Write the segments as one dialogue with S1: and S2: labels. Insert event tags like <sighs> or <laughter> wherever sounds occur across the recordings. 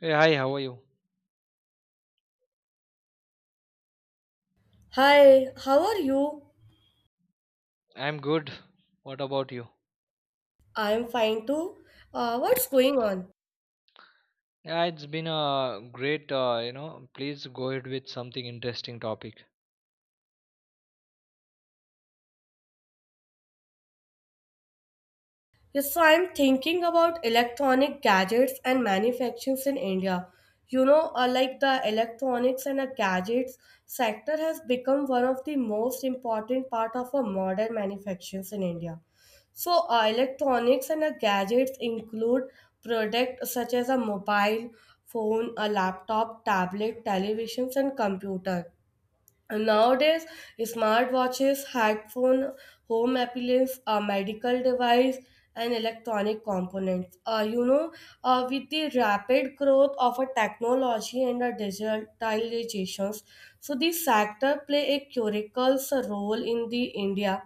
S1: Hey, hi, how are you?
S2: Hi, how are you?
S1: I'm good. What about you?
S2: I'm fine too. What's going on?
S1: Yeah, it's been a great, please go ahead with something interesting topic.
S2: Yes, so I'm thinking about electronic gadgets and manufacturings in India. Like the electronics and the gadgets sector has become one of the most important part of a modern manufacturings in India. Electronics and gadgets include products such as a mobile phone, a laptop, tablet, televisions, and computer. And nowadays, smartwatches, headphone, home appliance, a medical device, and electronic components. With the rapid growth of a technology and a digitalizations, so this sector play a critical role in the India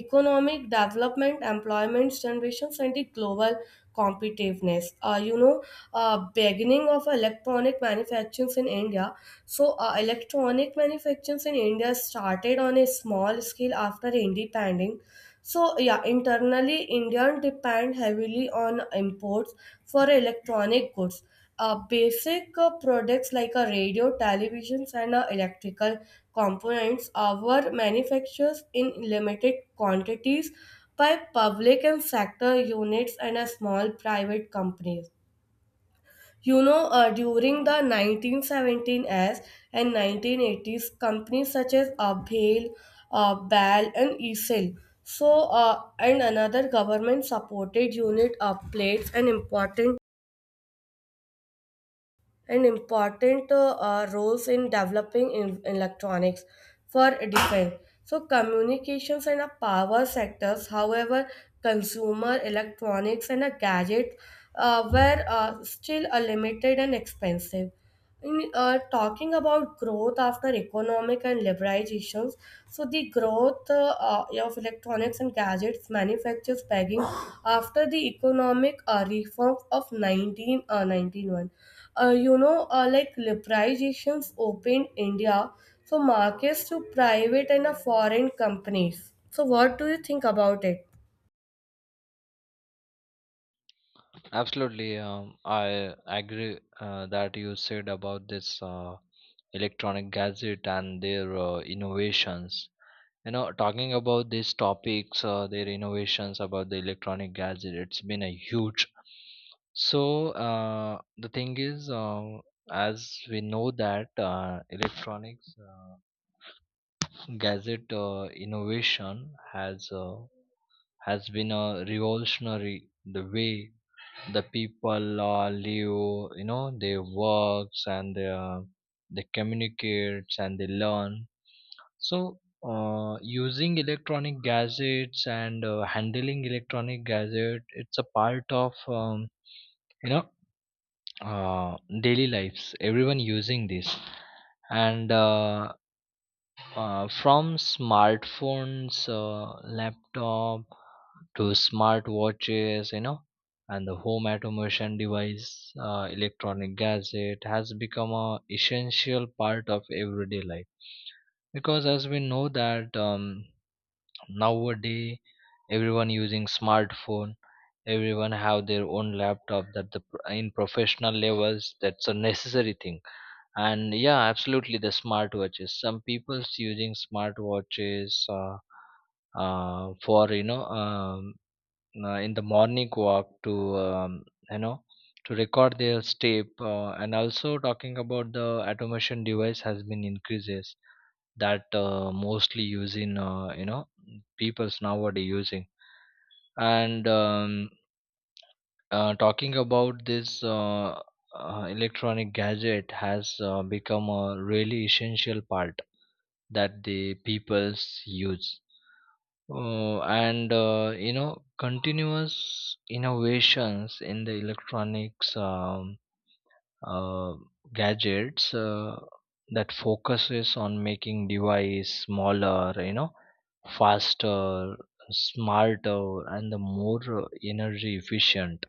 S2: economic development, employment generations, and the global competitiveness. Beginning of electronic manufacturing in India. Electronic manufacturing in India started on a small scale after independence. So, yeah, internally, India depend heavily on imports for electronic goods. Basic products like a radio, televisions, and electrical components were manufactured in limited quantities by public and sector units and small private companies. During the 1917s and 1980s, companies such as Abhail, BAL, and ESIL, so and another government-supported unit played an important roles in developing in electronics for defense. So communications and a power sectors, however, consumer electronics and a gadgets were still limited and expensive in talking about growth after economic and liberalizations. So the growth of electronics and gadgets manufactures begging <sighs> after the economic reforms of 19 uh, 91. Like liberalizations opened India, so markets to private and foreign companies. So what do you think about it?
S1: Absolutely. I agree that you said about this electronic gadget and their innovations. Talking about these topics, their innovations about the electronic gadget, it's been a huge. So the thing is, as we know that electronics. Gadget innovation has been a revolutionary the way the people live. They works, and they communicate and they learn. So, using electronic gadgets and handling electronic gadget, it's a part of you know uh, daily lives. Everyone using this, and from smartphones, laptop to smart watches, and the home automation device, electronic gadget has become a essential part of everyday life. Because as we know that nowadays everyone using smartphone, everyone have their own laptop. That the in professional levels, that's a necessary thing. And yeah, absolutely, the smartwatches, some people's using smartwatches for in the morning walk to you know to record their step, and also talking about the automation device has been increases, that mostly using, people's nowadays using. And talking about this electronic gadget has become a really essential part that the peoples use, and continuous innovations in the electronics uh, gadgets that focuses on making device smaller, faster, smarter, and the more energy efficient,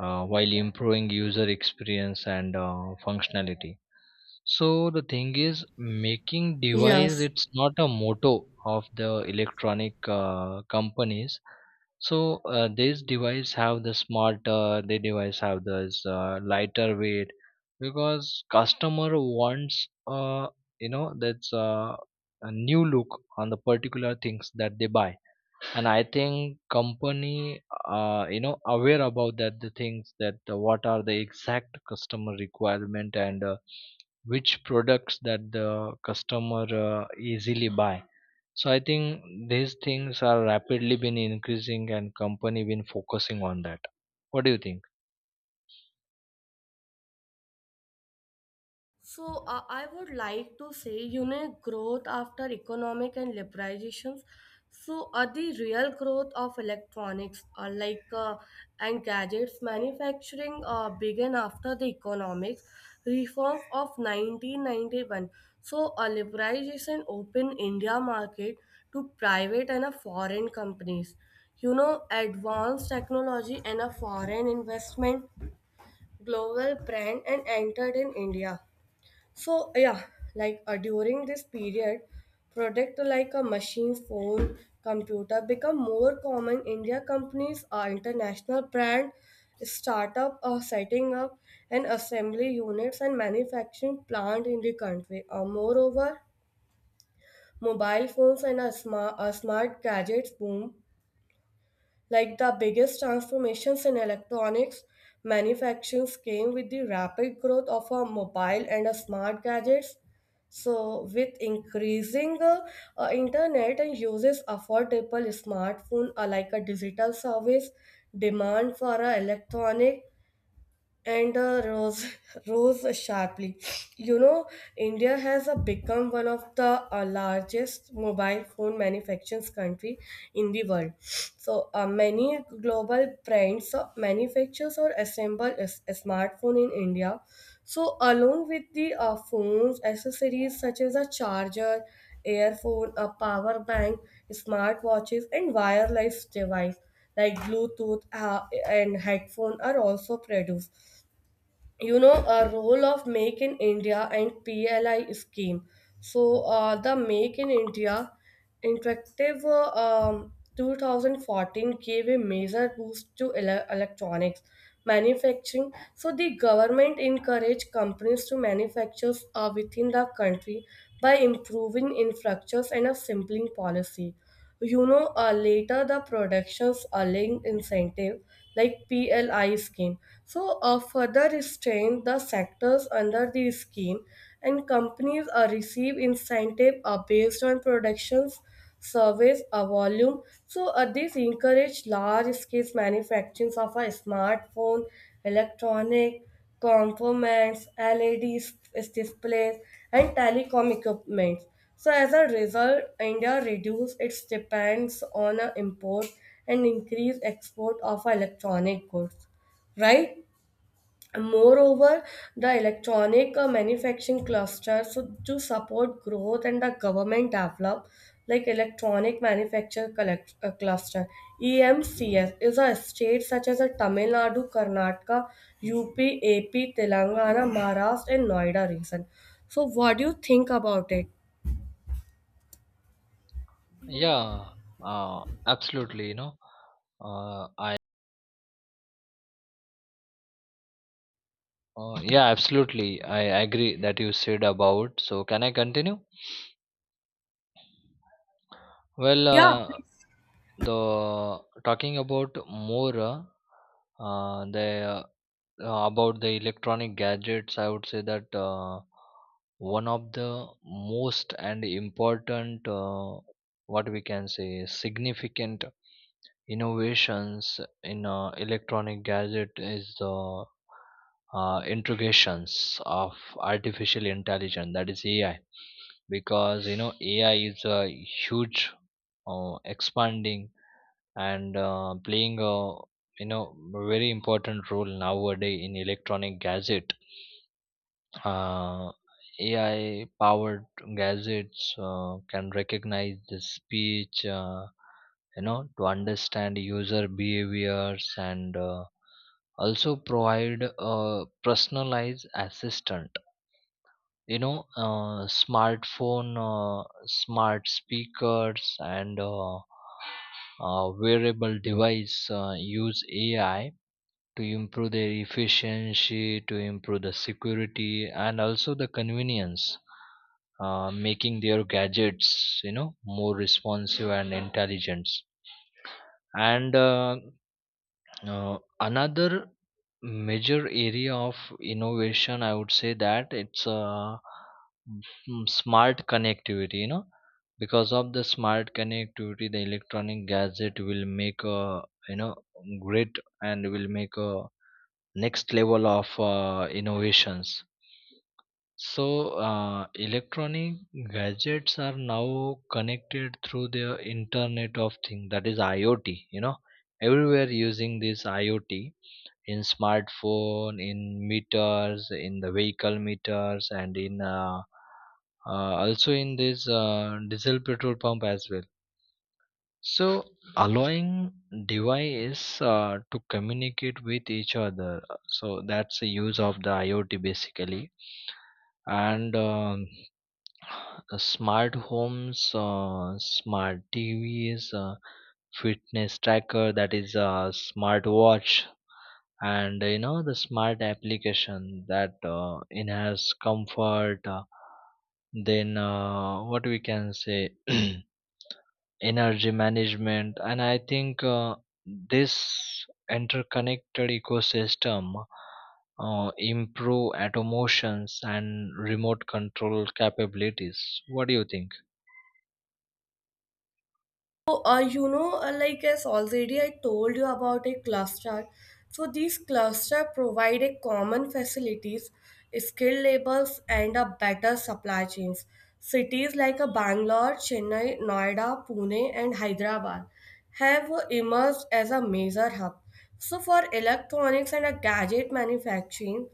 S1: while improving user experience and functionality. So the thing is, making device,
S2: Yes.
S1: it's not a motto of the electronic companies. So these device have the smarter, they device have this lighter weight, because customer wants, that's a new look on the particular things that they buy. And I think company, aware about that, the things that what are the exact customer requirement, and which products that the customer easily buy. So I think these things are rapidly been increasing, and company been focusing on that. What do you think?
S2: I would like to say, you know, growth after economic and liberalizations. The real growth of electronics, and gadgets manufacturing, began after the economics reforms of 1991. Liberalization opened India market to private and foreign companies. You know, advanced technology and a foreign investment, global brand, and entered in India. So yeah, during this period, product like a machine, phone, computer become more common. India companies are international brand, startup are setting up and assembly units and manufacturing plant in the country. Moreover, mobile phones and a smart gadgets boom like the biggest transformations in electronics manufacturing came with the rapid growth of our mobile and our smart gadgets. So, with increasing internet and uses affordable smartphone like a digital service, demand for a electronic and rose <laughs> rose sharply. You know, India has become one of the largest mobile phone manufacturers country in the world. Many global brands manufactures or assemble a smartphone in India. So along with the phones, accessories such as a charger, earphone, a power bank, smartwatches, and wireless device like Bluetooth and headphone are also produced. You know, a role of Make in India and PLI scheme. The Make in India interactive 2014 gave a major boost to electronics manufacturing. So the government encouraged companies to manufacture within the country by improving infrastructures and a simpling policy. You know, later the productions are linked incentive like PLI scheme. Further restrain the sectors under the scheme and companies receive incentive based on productions, service, volume. This encourage large scale manufacturing of a smartphone, electronic, components, LEDs displays and telecom equipment. So as a result, India reduced its dependence on import and increased export of electronic goods, right? Moreover, the electronic manufacturing cluster, so to support growth and the government develop like electronic manufacture cluster. EMCS is a state such as a Tamil Nadu, Karnataka, UP, AP, Telangana, Maharashtra, and Noida region. So, what do you think about it?
S1: Yeah, uh, absolutely, uh, I yeah, absolutely, I agree that you said about. So can I continue? Well,
S2: Yeah.
S1: the talking about more, the about the electronic gadgets, I would say that one of the most and important, what we can say, significant innovations in electronic gadget is the integrations of artificial intelligence, that is AI. Because AI is a huge, expanding and playing a very important role nowadays in electronic gadget. uh, AI powered gadgets can recognize the speech, to understand user behaviors, and also provide a personalized assistant. Smartphone, smart speakers, and wearable device use AI to improve their efficiency, to improve the security, and also the convenience, making their gadgets more responsive and intelligent. And another major area of innovation, I would say that it's smart connectivity. You know, because of the smart connectivity, the electronic gadget will make a, you know great, and will make a next level of innovations. So, electronic gadgets are now connected through the Internet of Things, that is IoT. You know, everywhere using this IoT, in smartphone, in meters, in the vehicle meters, and in also in this diesel petrol pump as well. So allowing device to communicate with each other. So that's the use of the IoT basically. And <sighs> smart homes, smart TVs, fitness tracker, that is a smart watch, and the smart application that enhance comfort, then what we can say <clears throat> energy management. And I think this interconnected ecosystem improve automations and remote control capabilities. What do you think?
S2: Like as already I told you about a cluster. So these cluster provide a common facilities, skilled labors, and a better supply chains. Cities like a Bangalore, Chennai, Noida, Pune, and Hyderabad have emerged as a major hub. So for electronics and a gadget manufacturing,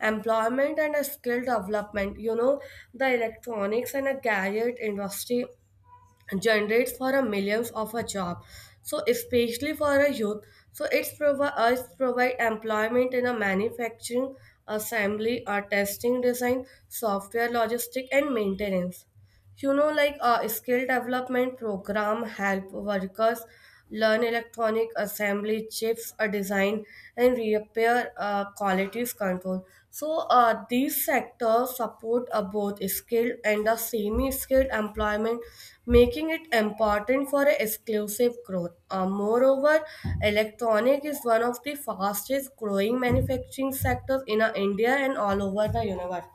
S2: employment and a skill development, you know, the electronics and a gadget industry generates for a millions of a job, so especially for a youth. So it's provide employment in a manufacturing, assembly or testing, design, software, logistic and maintenance. You know, like a skill development program help workers learn electronic assembly, chips design and repair qualities control. So these sectors support both skilled and the semi-skilled employment, making it important for a exclusive growth. Moreover, electronic is one of the fastest growing manufacturing sectors in India and all over the universe.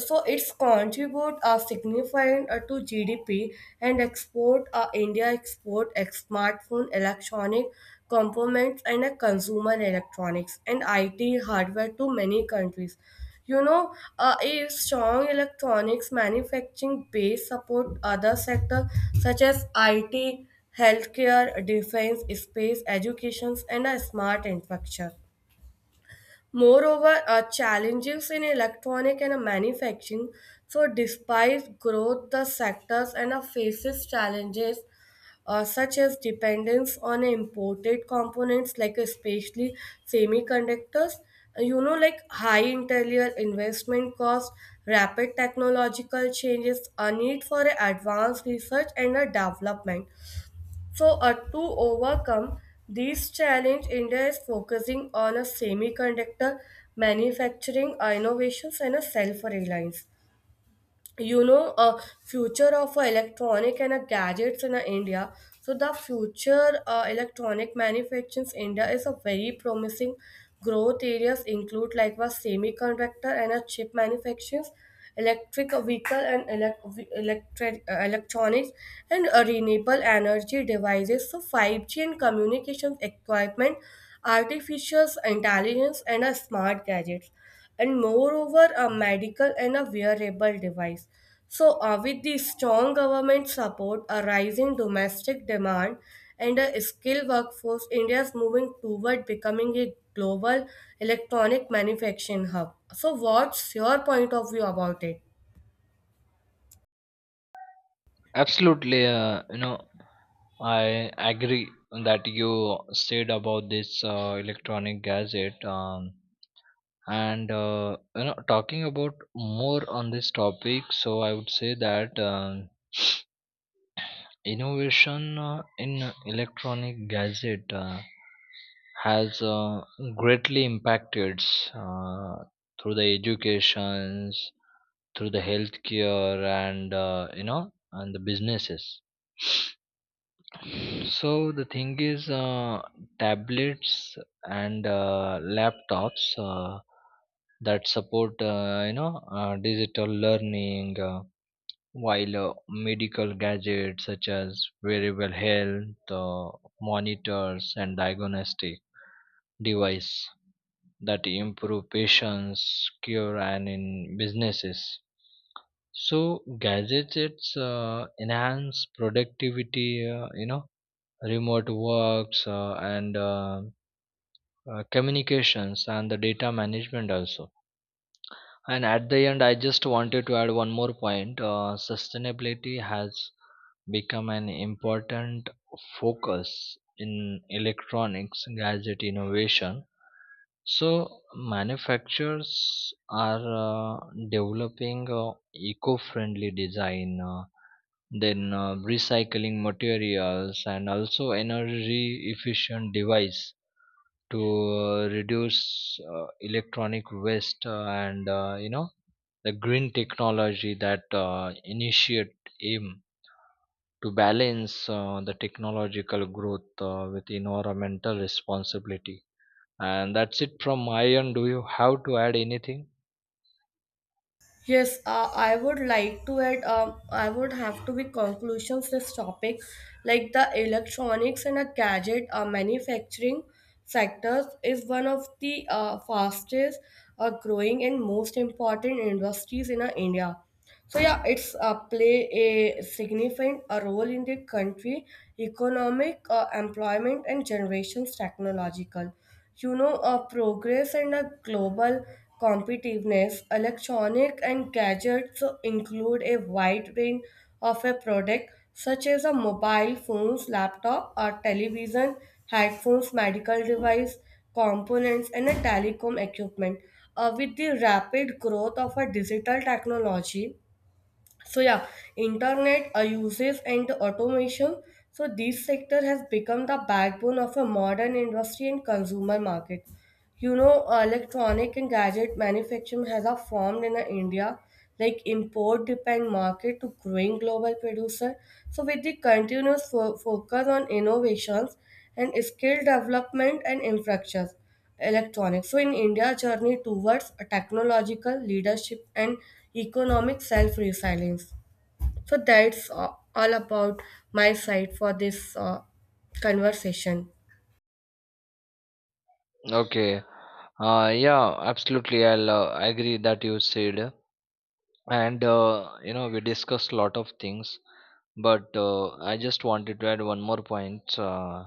S2: So its contribute are significant to GDP and export. India export a smartphone electronic components and a consumer electronics and IT hardware to many countries. A strong electronics manufacturing base support other sector such as IT, healthcare, defense, space, education, and a smart infrastructure. Moreover, challenges in electronic and manufacturing. So, despite growth, the sectors and faces challenges such as dependence on imported components, like especially semiconductors. You know, like high interior investment cost, rapid technological changes, a need for advanced research and a development. So, to overcome these challenge, India is focusing on a semiconductor manufacturing innovations and a self-reliance. You know, a future of a electronic and a gadgets in a India. So the future electronic manufacturing in India is a very promising. Growth areas include like was semiconductor and a chip manufacturing, electric vehicle and electric electronics and renewable energy devices, so 5G and communications equipment, artificial intelligence and smart gadgets, and moreover a medical and a wearable device. So, with the strong government support, a rising domestic demand, and a skilled workforce, India is moving toward becoming a global electronic manufacturing hub. So, what's your point of view about it?
S1: Absolutely, I agree that you said about this electronic gadget. And talking about more on this topic, so I would say that innovation in electronic gadget has greatly impacted uh, through the educations, through the healthcare, and and the businesses. So the thing is, tablets and laptops that support, digital learning, while medical gadgets such as wearable health monitors and diagnostic device that improve patients' cure, and in businesses. So gadgets enhance productivity, remote works, and communications and the data management also. And at the end, I just wanted to add one more point. Sustainability has become an important focus in electronics gadget innovation. So manufacturers are developing eco-friendly design, then recycling materials, and also energy efficient device to reduce electronic waste. And the green technology that initiate aim to balance the technological growth with environmental responsibility. And that's it from my end. Do you have to add anything?
S2: Yes, I would like to add. I would have to be conclusions this topic, like the electronics and a gadget manufacturing sectors is one of the fastest growing and most important industries in India. So yeah, it's play a significant a role in the country economic, employment, and generations technological. Progress and a global competitiveness. Electronic and gadgets include a wide range of a product such as a mobile phones, laptop, or television, headphones, medical device, components, and a telecom equipment. With the rapid growth of a digital technology, so yeah, internet uses and automation. So this sector has become the backbone of a modern industry and consumer market. Electronic and gadget manufacturing has a formed in India, like import depend market to growing global producer. So with the continuous focus on innovations and skill development and infrastructures, electronics. So in India's journey towards a technological leadership and economic self-resilience. So that's all about my side for this conversation.
S1: Okay, yeah, absolutely, I'll agree that you said. And we discussed a lot of things, but I just wanted to add one more point.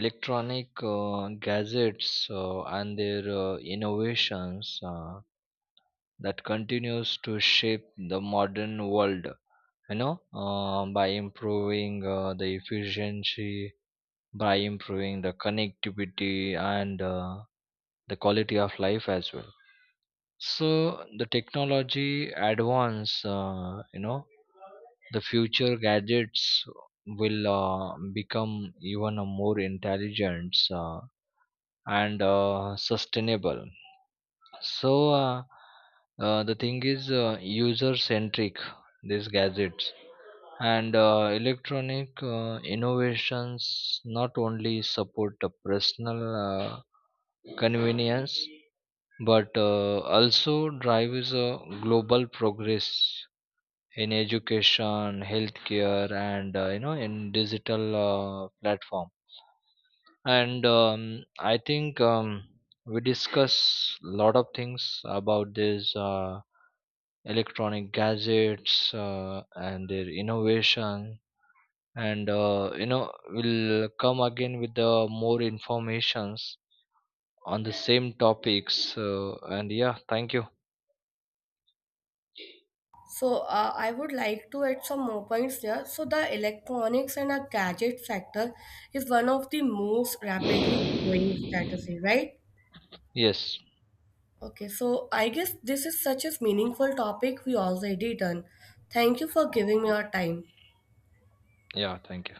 S1: Electronic gadgets and their innovations that continues to shape the modern world. By improving the efficiency, by improving the connectivity, and the quality of life as well. So the technology advance, the future gadgets will become even a more intelligent and sustainable. So the thing is, user centric, these gadgets and electronic innovations not only support the personal convenience, but also drives a global progress in education, healthcare, and in digital platform. And I think we discuss a lot of things about these electronic gadgets and their innovation. And we'll come again with the more informations on the same topics. And yeah, thank you.
S2: So I would like to add some more points here. So the electronics and a gadget sector is one of the most rapidly growing
S1: Yes.
S2: strategy, right? Okay, so I guess this is such a meaningful topic we already done. Thank you for giving me your time.
S1: Yeah. Thank you.